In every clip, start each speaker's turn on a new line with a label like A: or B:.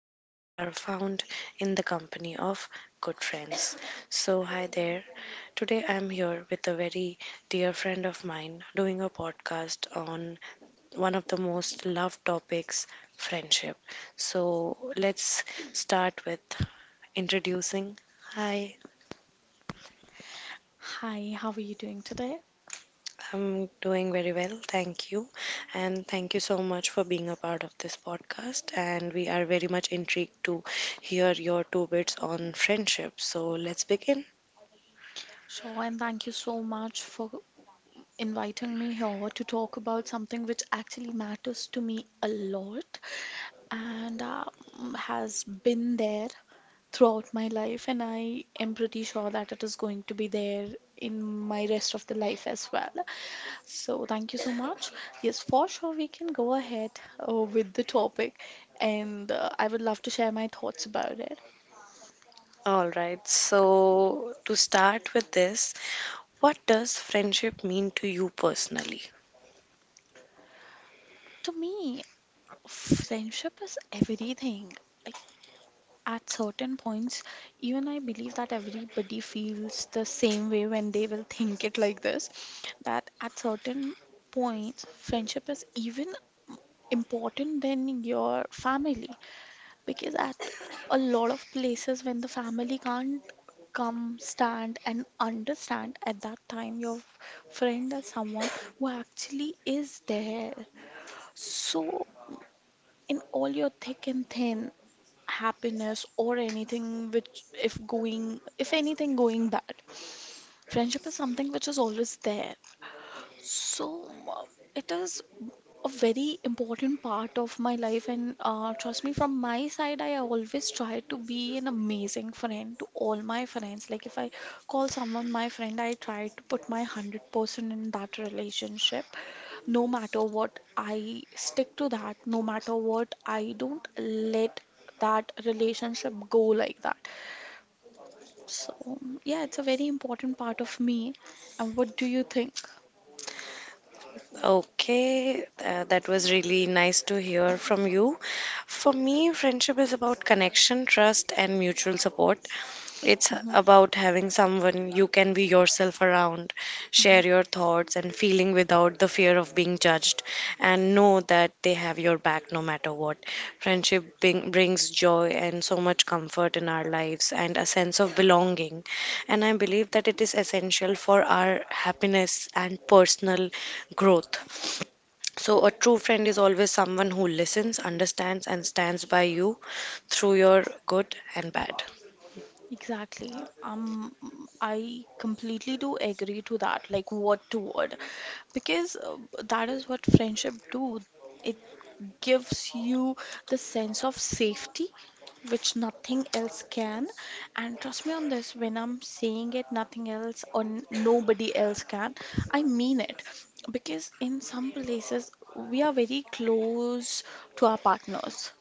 A: in life are found in the company of good friends. So, hi there. Today I'm here with a very dear friend of mine doing a podcast on one of the most loved topics, friendship. So let's start with introducing. Hi,
B: Hi, how are you doing today?
A: I'm doing very well, thank you. And thank you so much for being a part of this podcast. And we are very much intrigued to hear your two bits on friendship. So let's begin.
B: Sure, and thank you so much for inviting me here to talk about something which actually matters to me a lot and has been there throughout my life, and I am pretty sure that it is going to be there in my rest of the life as well. So, thank you so much. Yes, for sure, we can go ahead with the topic, and I would love to share my thoughts about it.
A: All right, so to start with this, what does friendship mean to you personally?
B: To me, friendship is everything. At certain points, even I believe that everybody feels the same way when they will think it like this, that at certain points, friendship is even important than your family, because at a lot of places when the family can't come stand and understand, at that time your friend is someone who actually is there. So in all your thick and thin, happiness or anything which if going if anything going bad, friendship is something which is always there. So it is a very important part of my life, and trust me, from my side, I always try to be an amazing friend to all my friends. Like if I call someone my friend, I try to put my 100% in that relationship. No matter what, I stick to that. No matter what, I don't let that relationship go like that. So yeah, it's a very important part of me. And what do you think?
A: Okay, that was really nice to hear from you. For me, friendship is about connection, trust, and mutual support. It's
B: Hmm.
A: about having someone you can be yourself around, share your thoughts and feeling without the fear of being judged, and know that they have your back no matter what. Friendship brings joy and so much comfort in our lives and a sense of belonging. And I believe that it is essential for our happiness and personal growth. So, a true friend is always someone who listens, understands, and stands by you through your good and bad.
B: Exactly. Um, I completely do agree to that, like word to word, because that is what friendship do. It gives you the sense of safety, which nothing else can. And trust me on this, when I'm saying it, nothing else or nobody else can, I mean it. Because in some places, we are very close to our partners.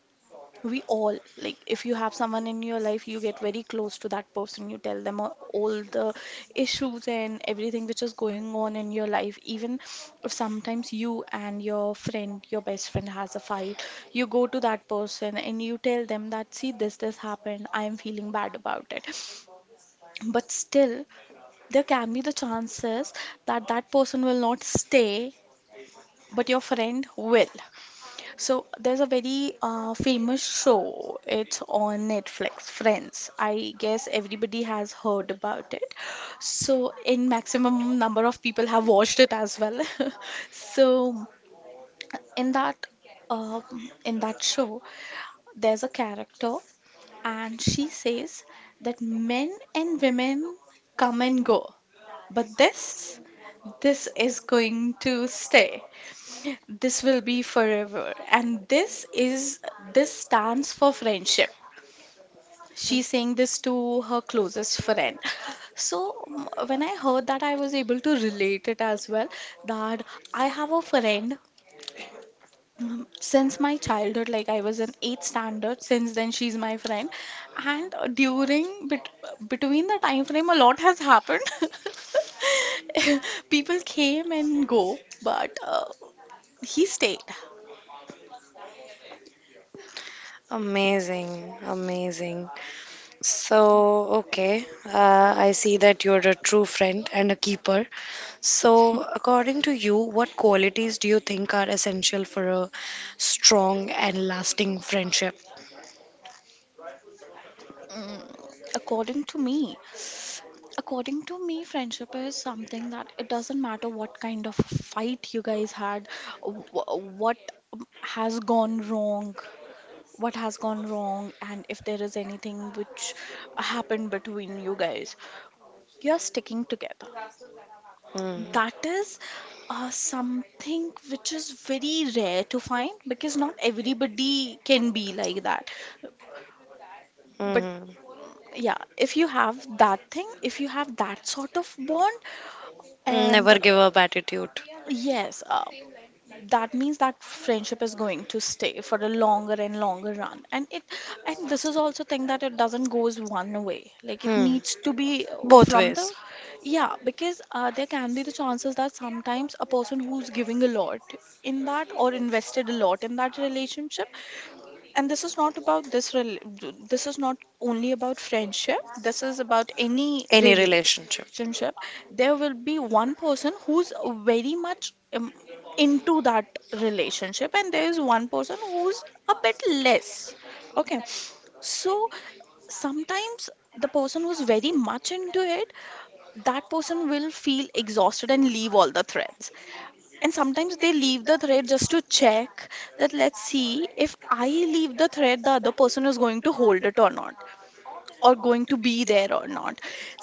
B: We all like, if you have someone in your life, you get very close to that person, you tell them all the issues and everything which is going on in your life. Even if sometimes you and your friend, your best friend, has a fight, you go to that person and you tell them that, see, this happened, I am feeling bad about it. But still, there can be the chances that that person will not stay, but your friend will. So there's a very famous show. It's on Netflix, Friends. I guess everybody has heard about it. So in maximum number of people have watched it as well. So in that um in that show, there's a character, and she says that men and women come and go. But this is going to stay. This will be forever. And this stands for friendship. She's saying this to her closest friend. So when I heard that, I was able to relate it as well. That I have a friend since my childhood, like I was in eighth standard, since then she's my friend, and during between the time frame, a lot has happened. People came and go, but he stayed.
A: Amazing, amazing. So, okay, I see that you're a true friend and a keeper. So, according to you, what qualities do you think are essential for a strong and lasting friendship?
B: Mm, according to me, friendship is something that it doesn't matter what kind of fight you guys had, what has gone wrong. And if there is anything which happened between you guys, you're sticking together.
A: Hmm.
B: That is something which is very rare to find, because not everybody can be like that. But
A: Mhm.
B: yeah, if you have that thing, if you have that sort of bond, and
A: Never give up attitude.
B: yes, that means that friendship is going to stay for a longer and longer run. And it and this is also thing that it doesn't goes one way, like it
A: Hmm.
B: needs to be
A: Both
B: from
A: ways.
B: the yeah, because there can be the chances that sometimes a person who's giving a lot in that, or invested a lot in that relationship. And this is not about this this is not only about friendship, this is about any
A: Any relationship.
B: relationship. There will be one person who's very much into that relationship, and there is one person who's a bit less, okay? So sometimes the person who's very much into it, that person will feel exhausted and leave all the threads. And sometimes they leave the thread just to check that, let's see, if I leave the thread, the other person is going to hold it or not, or going to be there or not.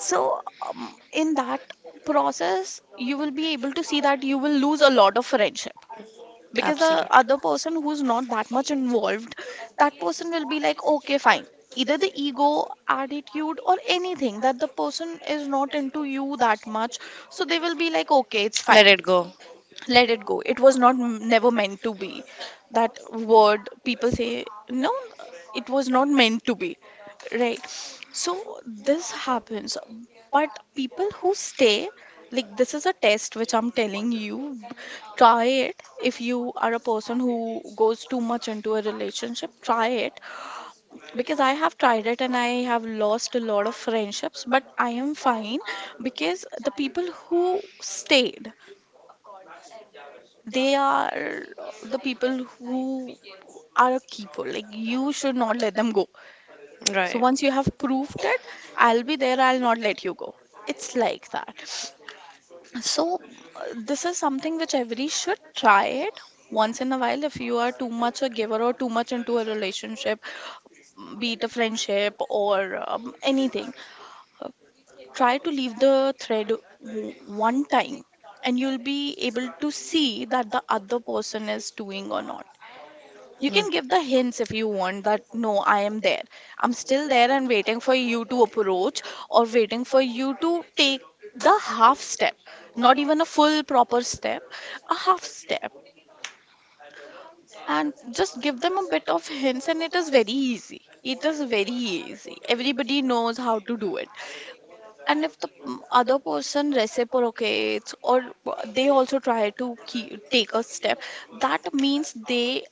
B: So in that process, you will be able to see that you will lose a lot of friendship, because the other person who's not that much involved, that person will be like, okay, fine. Either the ego attitude or anything, that the person is not into you that much, so they will be like, okay, it's fine.
A: It go.
B: Let it go. It was not never meant to be. That word people say, no, it was not meant to be, right? So this happens. But people who stay, like this is a test which I'm telling you, try it. If you are a person who goes too much into a relationship, try it, because I have tried it and I have lost a lot of friendships, but I am fine. Because the people who stayed, they are the people who are a keeper. Like you should not let them go. So once you have proved it, I'll be there. I'll not let you go. It's like that. So this is something which everybody should try it once in a while. If you are too much a giver or too much into a relationship, be it a friendship or anything, try to leave the thread one time, and you'll be able to see that the other person is doing or not. You can give the hints if you want, that no, I am there. I'm still there and waiting for you to approach, or waiting for you to take the half step, not even a full proper step, a half step. And just give them a bit of hints, and it is very easy. It is very easy. Everybody knows how to do it. And if the other person reciprocates, or they also try to keep, take a step, that means they,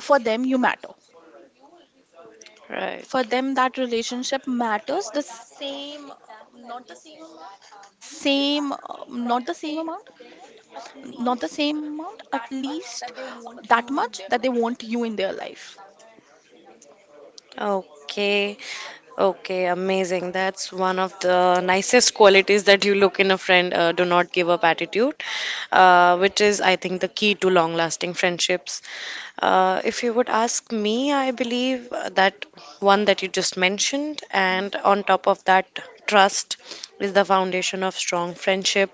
B: for them, you matter.
A: Right.
B: For them, that relationship matters the same, not the same amount, at least that much that they want you in their life.
A: Okay. Okay, amazing. That's one of the nicest qualities that you look in a friend. Do not give up attitude, which is, I think, the key to long lasting friendships. If you would ask me, I believe that one that you just mentioned, and on top of that, trust is the foundation of strong friendship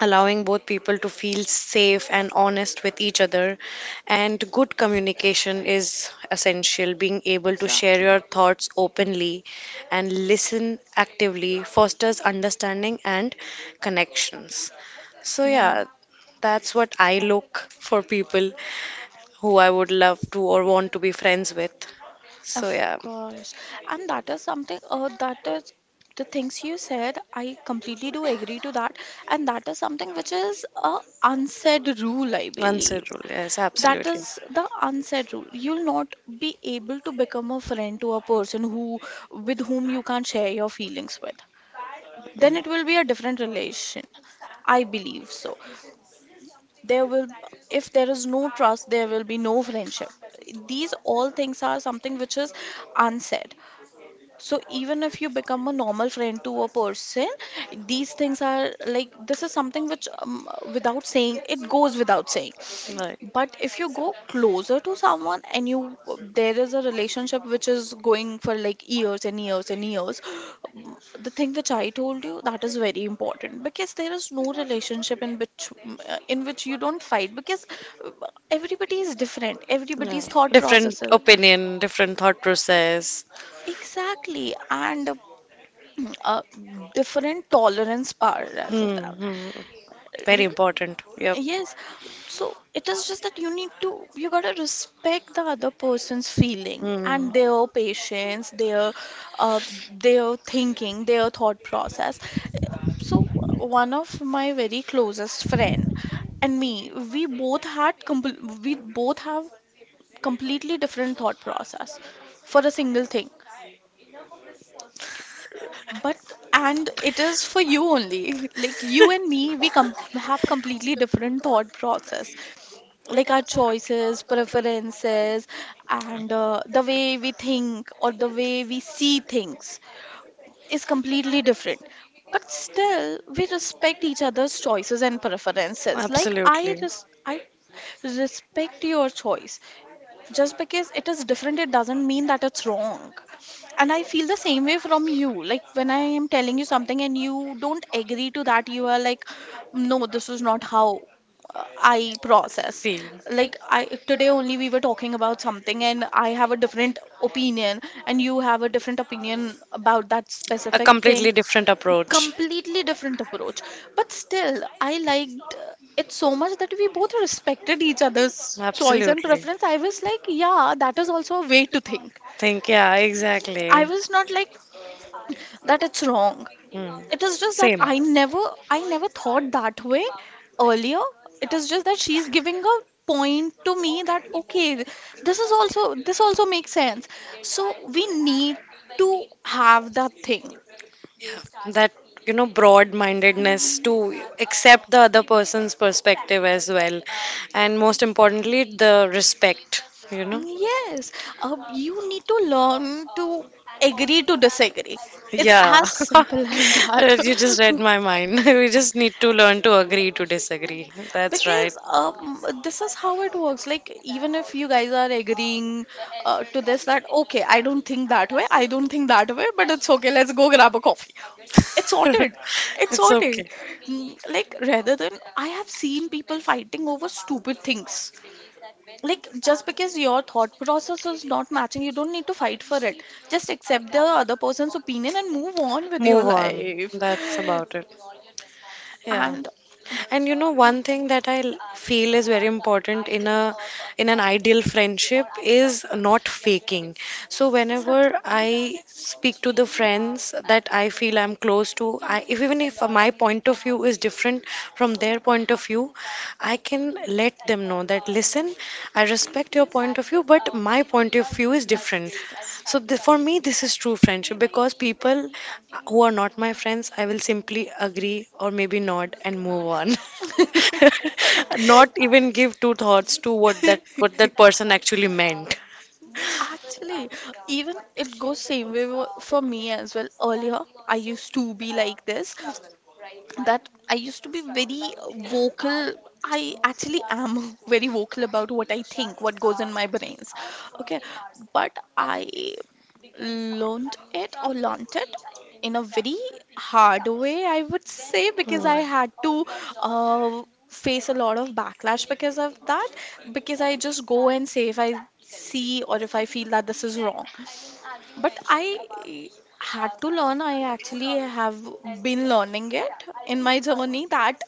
A: allowing both people to feel safe and honest with each other. And good communication is essential, being able to share
B: Exactly.
A: your thoughts openly and listen actively fosters understanding and connections. So,
B: Yeah.
A: yeah, that's what I look for people who I would love to or want to be friends with. So,
B: Of
A: yeah,
B: course. And that is something, that is the things you said, I completely do agree to that. And that is something which is a unsaid rule, I
A: answer
B: believe.
A: rule, yes,
B: That
A: absolutely.
B: is the unsaid rule. You'll not be able to become a friend to a person who, with whom you can't share your feelings with. Then it will be a different relation, I believe so. There will, if there is no trust, there will be no friendship. These all things are something which is unsaid. So even if you become a normal friend to a person, these things are like, this is something which without saying, it goes without saying.
A: Right.
B: But if you go closer to someone and you there is a relationship which is going for like years and years and years, the thing which I told you, that is very important, because there is no relationship in which you don't fight, because uh, everybody is different,
A: Yeah.
B: everybody's thought
A: Different
B: processes.
A: opinion, different thought process.
B: Exactly, and uh, different tolerance power as
A: Hmm.
B: well.
A: Hmm. Very
B: R-
A: important. Yep.
B: Yes, so it is just that you need to, you gotta respect the other person's feeling
A: Hmm.
B: and their patience, uh, their thinking, their thought process. So one of my very closest friend and me, we both had, we both have completely different thought process for a single thing. But and it is for you only. Like you and me, we com have completely different thought process. Like our choices, preferences, and the way we think or the way we see things is completely different. But still, we respect each other's choices and preferences. Like I,
A: Absolutely.
B: I respect your choice. Just because it is different, it doesn't mean that it's wrong. And I feel the same way from you. Like when I am telling you something and you don't agree to that, you are like, no, this is not how I process.
A: Feel.
B: Like I today only we were talking about something, and I have a different opinion and you have a different opinion about that
A: A
B: specific thing.
A: completely different approach.
B: Completely different approach. But still I liked it so much that we both respected each other's choice and
A: Absolutely.
B: preference. I was like, yeah, that is also a way to think.
A: Think, yeah,
B: I
A: exactly.
B: was not like that it's wrong.
A: Hmm.
B: It is just that
A: Same.
B: I never thought that way earlier. It is just that she's giving a point to me that okay, this is also this also makes sense. So we need to have that thing.
A: Yeah, that broad-mindedness
B: Mm,
A: to accept the other person's perspective as well, and most importantly, the respect. You know,
B: yes, you need to learn to agree to disagree. It's
A: yeah,
B: as simple as that.
A: You just read my mind. We just need to learn to agree to disagree. That's right.
B: Because this is how it works. Like, even if you guys are agreeing to this, that okay, I don't think that way, but it's okay, let's go grab a coffee. It's sorted. It's
A: It's
B: sorted.
A: okay.
B: Mm. Like, rather than, I have seen people fighting over stupid things. Like, just because your thought process is not matching, you don't need to fight for it. Just accept the other person's opinion and move on with your
A: Move on.
B: life.
A: That's about it. Yeah.
B: And
A: And one thing that I feel is very important in an ideal friendship is not faking. So whenever
B: exactly.
A: I speak to the friends that I feel I'm close to, I if even if my point of view is different from their point of view, I can let them know that, listen, I respect your point of view, but my point of view is different. So, for me, this is true friendship because people who are not my friends, I will simply agree or maybe nod and move on. Not even give two thoughts to what that person actually meant.
B: Actually, even it goes same way for me as well. Earlier, I used to be like this, that I used to be very vocal. I actually am very vocal about what I think, what goes in my brains. Okay, but I learned it or learnt it in a very hard way, I would say, because I had to face a lot of backlash because of that. Because I just go and say if I see or if I feel that this is wrong. But I had to learn. I actually have been learning it in my journey that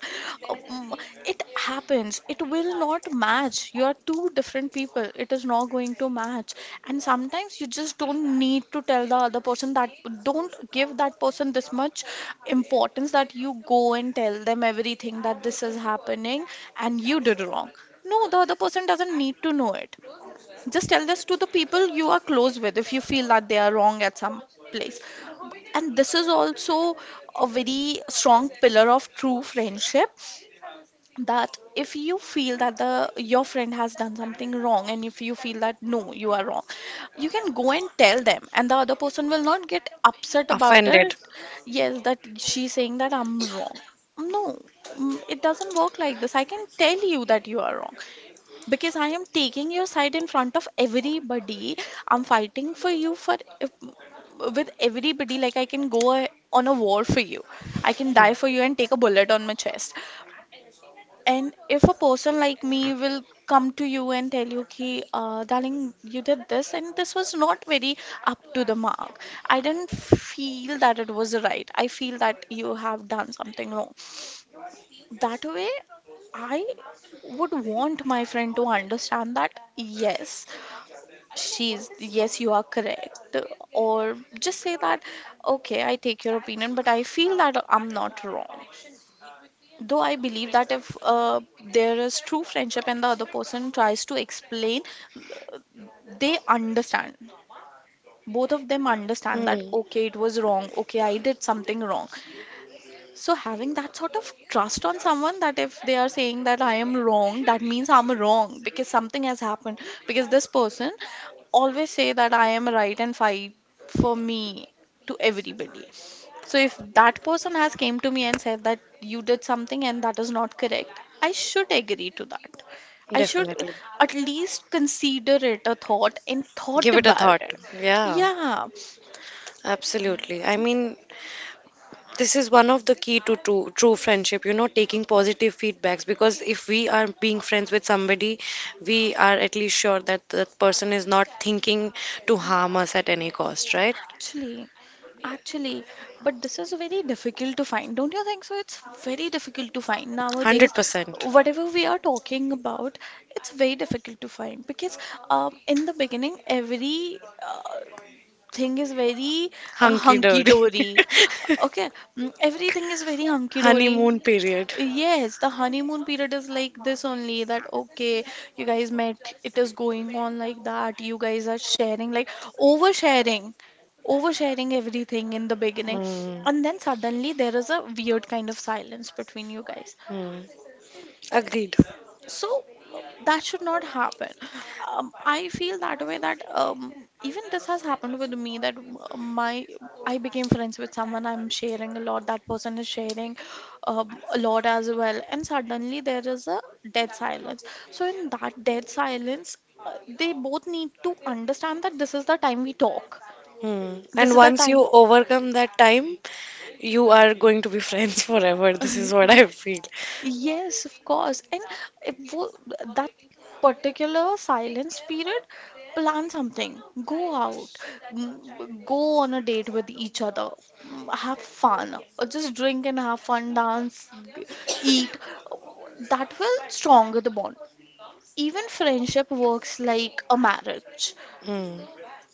B: um, it happens. It will not match. You are two different people. It is not going to match. And sometimes you just don't need to tell the other person that, don't give that person this much importance that you go and tell them everything that this is happening and you did wrong. No, the other person doesn't need to know it. Just tell this to the people you are close with if you feel that they are wrong at some place. And this is also a very strong pillar of true friendship, that if you feel that the your friend has done something wrong and if you feel that no, you are wrong, you can go and tell them and the other person will not get upset about it.
A: Offended.
B: Yes, that she's saying that I'm wrong. No, mm, it doesn't work like this. I can tell you that you are wrong because I am taking your side in front of everybody. I'm fighting for you, for with everybody. Like I can go on a war for you. I can die for you and take a bullet on my chest. And if a person like me will come to you and tell you, "Ki, darling, you did this, and this was not very up to the mark. I didn't feel that it was right. I feel that you have done something wrong." That way, I would want my friend to understand that yes, she's yes, you are correct, or just say that okay, I take your opinion, but I feel that I'm not wrong. Though I believe that if there is true friendship and the other person tries to explain, they understand. Both of them understand that
A: Hmm.
B: okay, it was wrong, okay, I did something wrong. So having that sort of trust on someone that if they are saying that I am wrong, that means I'm wrong because something has happened. Because this person always say that I am right and fight for me to everybody. So if that person has came to me and said that you did something and that is not correct, I should agree to that. I should
A: Definitely.
B: at least consider it a thought and thought
A: Give it a
B: about
A: thought.
B: it.
A: Yeah,
B: Yeah.
A: absolutely. I mean, this is one of the key to true, true friendship, taking positive feedbacks because if we are being friends with somebody, we are at least sure that that person is not thinking to harm us at any cost, right?
B: Actually, actually, but this is very difficult to find. Don't you think so? It's very difficult to find nowadays.
A: 100%.
B: Whatever we are talking about, it's very difficult to find because in the beginning, every uh, thing is very
A: Hunky
B: hunky
A: dory.
B: dory. Okay, mm, everything is very hunky dory.
A: Honeymoon period.
B: Yes, the honeymoon period is like this only, that okay, you guys met, it is going on like that, you guys are sharing, like oversharing, oversharing everything in the beginning. And then suddenly there is a weird kind of silence between you guys.
A: Hmm. Agreed.
B: So that should not happen. I feel that way that even this has happened with me that my I became friends with someone, I'm sharing a lot. That person is sharing a lot as well, and suddenly there is a dead silence. So in that dead silence, they both need to understand that this is the time we talk.
A: Hmm.
B: This
A: And
B: is the
A: once
B: time.
A: you overcome that time, you are going to be friends forever. This is what I feel.
B: Yes, of course. And if wo- that particular silence period, plan something. Go out. Mm, go on a date with each other. Mm, have fun. Or just drink and have fun, dance, g- eat. That will stronger the bond. Even friendship works like a marriage.
A: Hmm.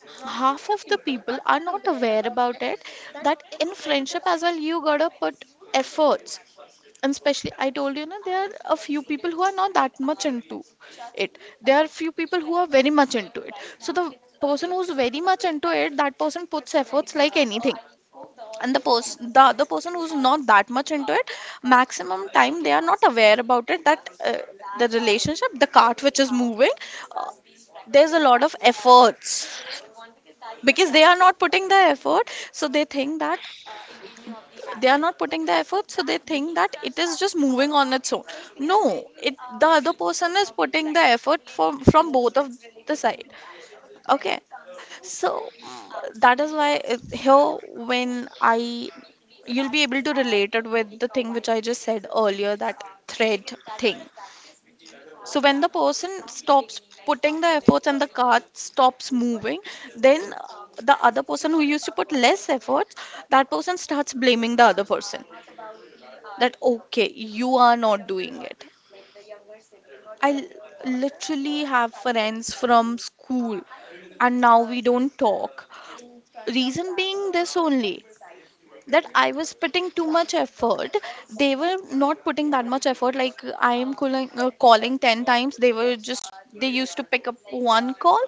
B: Half of the people are not aware about it, that in friendship as well you gotta put efforts. And especially, I told you na, there are a few people who are not that much into it, there are few people who are very much into it, so the person who's very much into it, that person puts efforts like anything. And the other person who's not that much into it, maximum time they are not aware about it, that the relationship, the cart which is moving, uh, there's a lot of efforts, because they are not putting the effort, so they think that they are not putting the effort so they think that it is just moving on its own. No, it, the other person is putting the effort from both of the side. Okay. So mm, that is why here, when I you'll be able to relate it with the thing which I just said earlier, that thread thing. So when the person stops putting the efforts and the cart stops moving, then the other person who used to put less efforts, that person starts blaming the other person, that okay, you are not doing it. I literally have friends from school and now we don't talk. Reason being this only, that I was putting too much effort. They were not putting that much effort. Like I am calling, calling 10 times. They were just, they used to pick up one call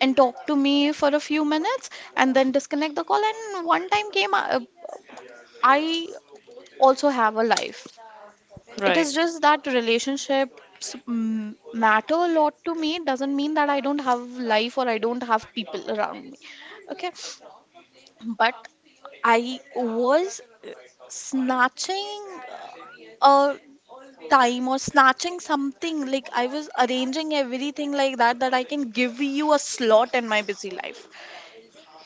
B: and talk to me for a few minutes and then disconnect the call. And one time came, I also have a life. It
A: Right.
B: is just that relationships mm, matter a lot to me. It doesn't mean that I don't have life or I don't have people around me. Okay. But I was snatching a time or snatching something, like I was arranging everything like that, that I can give you a slot in my busy life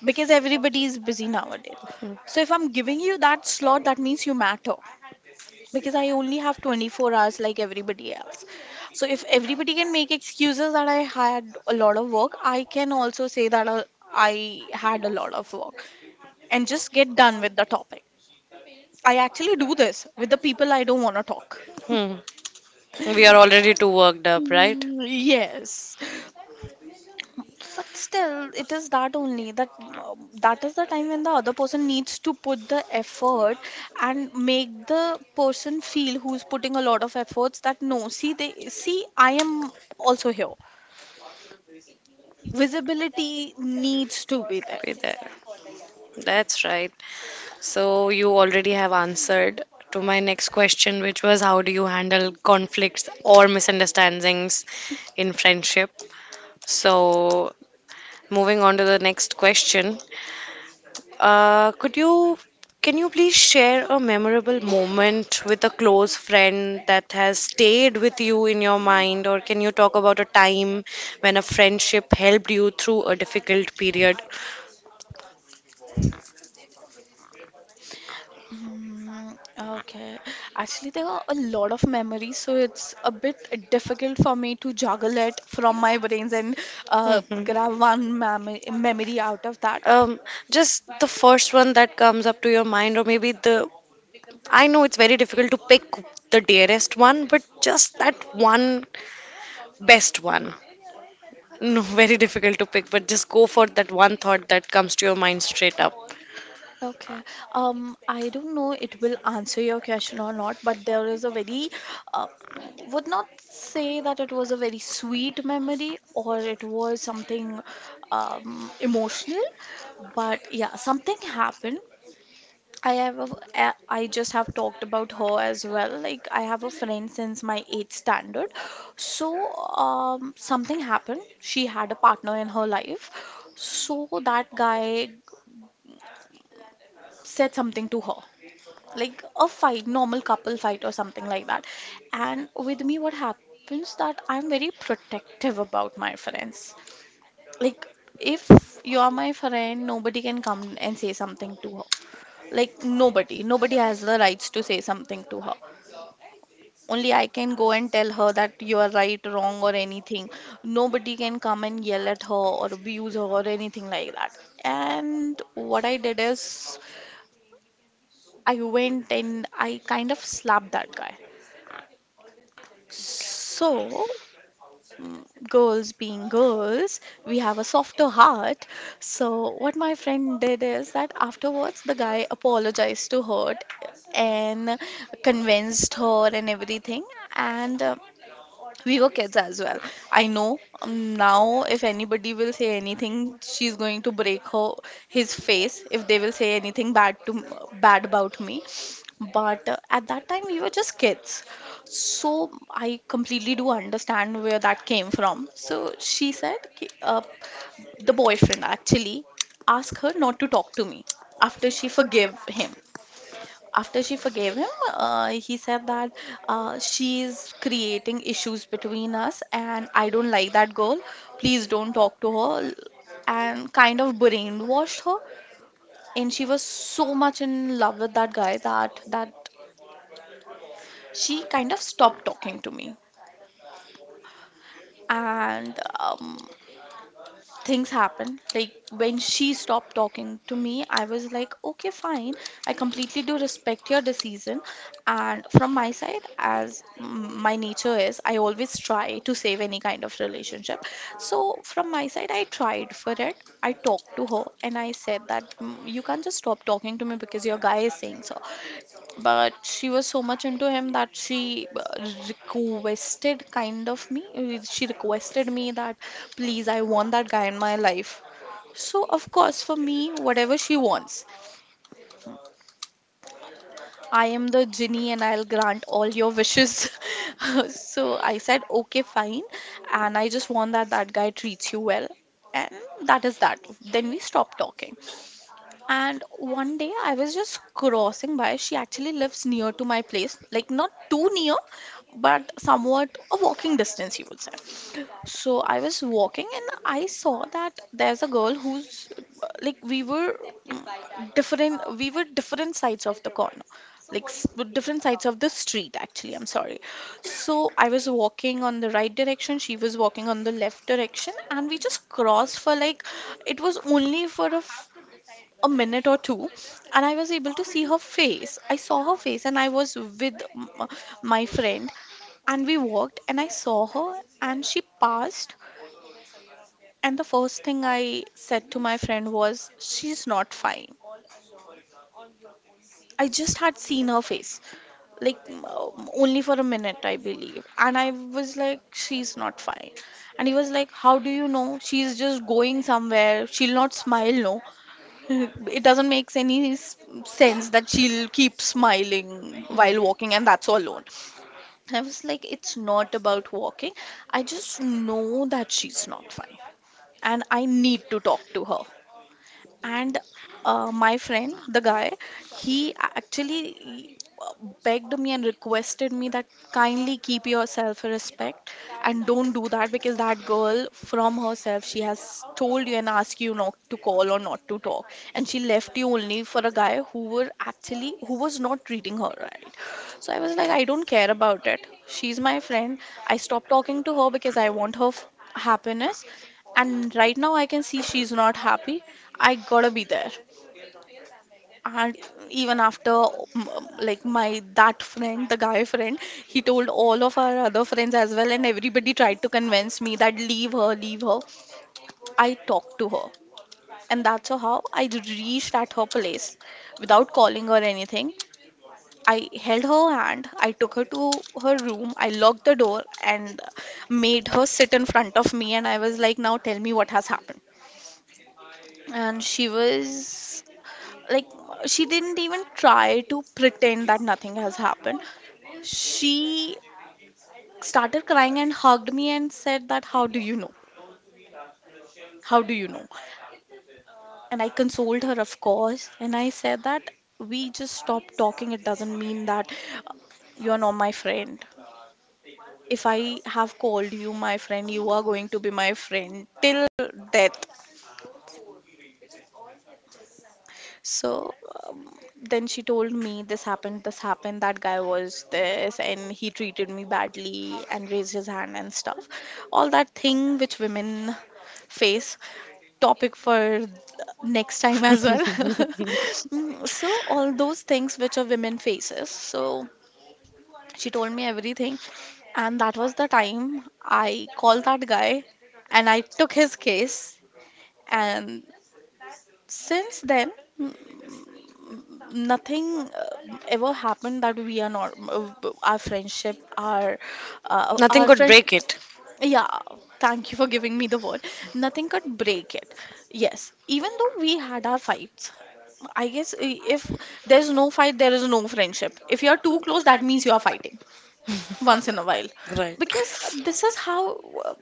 B: because everybody is busy nowadays. So if I'm giving you that slot, that means you matter, because I only have 24 hours like everybody else. So if everybody can make excuses that I had a lot of work, I can also say that I had a lot of work and just get done with the topic. I actually do this with the people I don't want to talk.
A: Hmm. We are already too worked up, right?
B: Mm, yes. But still, it is that only, that that is the time when the other person needs to put the effort and make the person feel who's putting a lot of efforts, that no, see, I am also here. Visibility needs to be there.
A: Be there. That's right. So you already have answered to my next question, which was how do you handle conflicts or misunderstandings in friendship? So, moving on to the next question. Uh, could you, can you please share a memorable moment with a close friend that has stayed with you in your mind, or can you talk about a time when a friendship helped you through a difficult period?
B: Mm, okay. Actually, there are a lot of memories, so it's a bit difficult for me to juggle it from my brains and
A: Mhm.
B: grab one memory out of that.
A: Um, just the first one that comes up to your mind, or maybe I know it's very difficult to pick the dearest one, but just that one. Best one. No, very difficult to pick, but just go for that one thought that comes to your mind straight up.
B: Okay. I don't know it will answer your question or not, but there is a very, uh, would not say that it was a very sweet memory or it was something emotional, but yeah, something happened. I have a, I just have talked about her as well. Like I have a friend since my eighth standard. So something happened. She had a partner in her life. So that guy said something to her, like a fight, normal couple fight or something like that. And with me what happens, that I'm very protective about my friends. Like if you are my friend, nobody can come and say something to her. Like nobody has the rights to say something to her. Only I can go and tell her that you are right, wrong or anything. Nobody can come and yell at her or abuse her or anything like that. And what I did is, I went and I kind of slapped that guy. So, mm, girls being girls, we have a softer heart. So, what my friend did is that afterwards the guy apologized to her and convinced her and everything. And we were kids as well. I know now if anybody will say anything, she's going to break her his face if they will say anything bad to bad about me. But at that time we were just kids. So I completely do understand where that came from. So she said the boyfriend actually asked her not to talk to me after she forgave him. After she forgave him, he said that she is creating issues between us, and I don't like that girl. Please don't talk to her. And kind of brainwashed her. And she was so much in love with that guy that she kind of stopped talking to me. And Things happened. Like when she stopped talking to me, I was like, okay, fine. I completely do respect your decision. And from my side, as my nature is, I always try to save any kind of relationship. So from my side, I tried for it. I talked to her and I said that, "Mm, you can't just stop talking to me because your guy is saying so." But she was so much into him that she requested kind of me she requested me that, "Please, I want that guy in my life." So of course, for me, whatever she wants, I am the genie and I'll grant all your wishes. So I said, okay, fine, and I just want that guy treats you well, and that is that. Then we stopped talking. And one day I was just crossing by. She actually lives near to my place, like not too near, but somewhat a walking distance, you would say. So I was walking and I saw that there's a girl who's like we were mm, different sides of the corner, like s- different sides of the street, actually. I'm sorry. So I was walking on the right direction, she was walking on the left direction, and we just crossed for like it was only for a minute or two, and I was able to see her face. I saw her face and I was with my friend, and we walked and I saw her and she passed, and the first thing I said to my friend was she's not fine. I just had seen her face, like, only for a minute I believe, and I was like she's not fine. And he was like, how do you know? She's just going somewhere, she'll not smile, no. It doesn't make any sense that she'll keep smiling while walking and that's all alone. I was like, it's not about walking. I just know that she's not fine and I need to talk to her. And my friend, the guy, he actually begged me and requested me that kindly keep your self respect and don't do that, because that girl from herself she has told you and asked you not to call or not to talk, and she left you only for a guy who were actually who was not treating her right. So I was like, I don't care about it, she's my friend. I stopped talking to her because I want her happiness, and right now I can see she's not happy. I gotta be there. And even after like my that friend, the guy friend, he told all of our other friends as well, and everybody tried to convince me that leave her, leave her. I talked to her, and that's how I reached at her place without calling or anything. I held her hand, I took her to her room, I locked the door and made her sit in front of me and I was like, now tell me what has happened. And she was, like, she didn't even try to pretend that nothing has happened. She started crying and hugged me and said that how do you know, how do you know. And I consoled her of course and I said that we just stopped talking, it doesn't mean that uh, you're not my friend. If I have called you my friend, you are going to be my friend till death. So, um, then she told me this happened, that guy was this, and he treated me badly and raised his hand and stuff. All that thing which women face, topic for next time as well. Mm, so all those things which a woman faces. So she told me everything, and that was the time I called that guy and I took his case. And since then, n- nothing ever happened that we are not our friendship,
A: Nothing
B: our
A: could break
B: friendship.
A: it.
B: Yeah, thank you for giving me the word. Nothing could break it. Yes, even though we had our fights, I guess if there's no fight, there is no friendship. If you are too close, that means you are fighting once in a while,
A: Right.
B: because this is how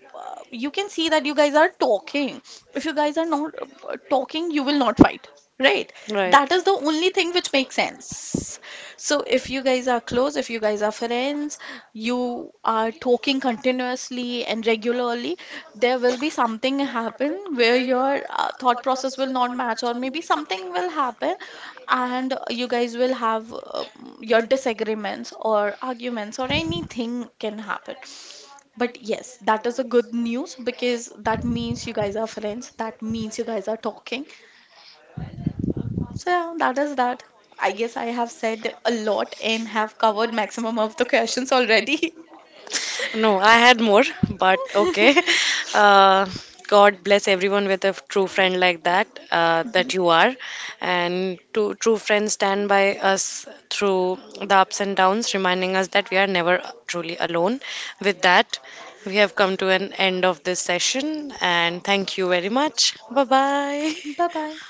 B: you can see that you guys are talking. If you guys are not talking, you will not fight, right?
A: Right.
B: That is the only thing which makes sense. So if you guys are close, if you guys are friends, you are talking continuously and regularly, there will be something happen where your thought process will not match, or maybe something will happen, and you guys will have your disagreements or arguments or anything can happen. But yes, that is a good news because that means you guys are friends. That means you guys are talking. So yeah, that is that. I guess I have said a lot and have covered maximum of the questions already.
A: No, I had more, but okay. Uh, God bless everyone with a true friend like that, that you are. And two true friends stand by us through the ups and downs, reminding us that we are never truly alone. With that, we have come to an end of this session, and thank you very much. Bye bye.
B: Bye bye.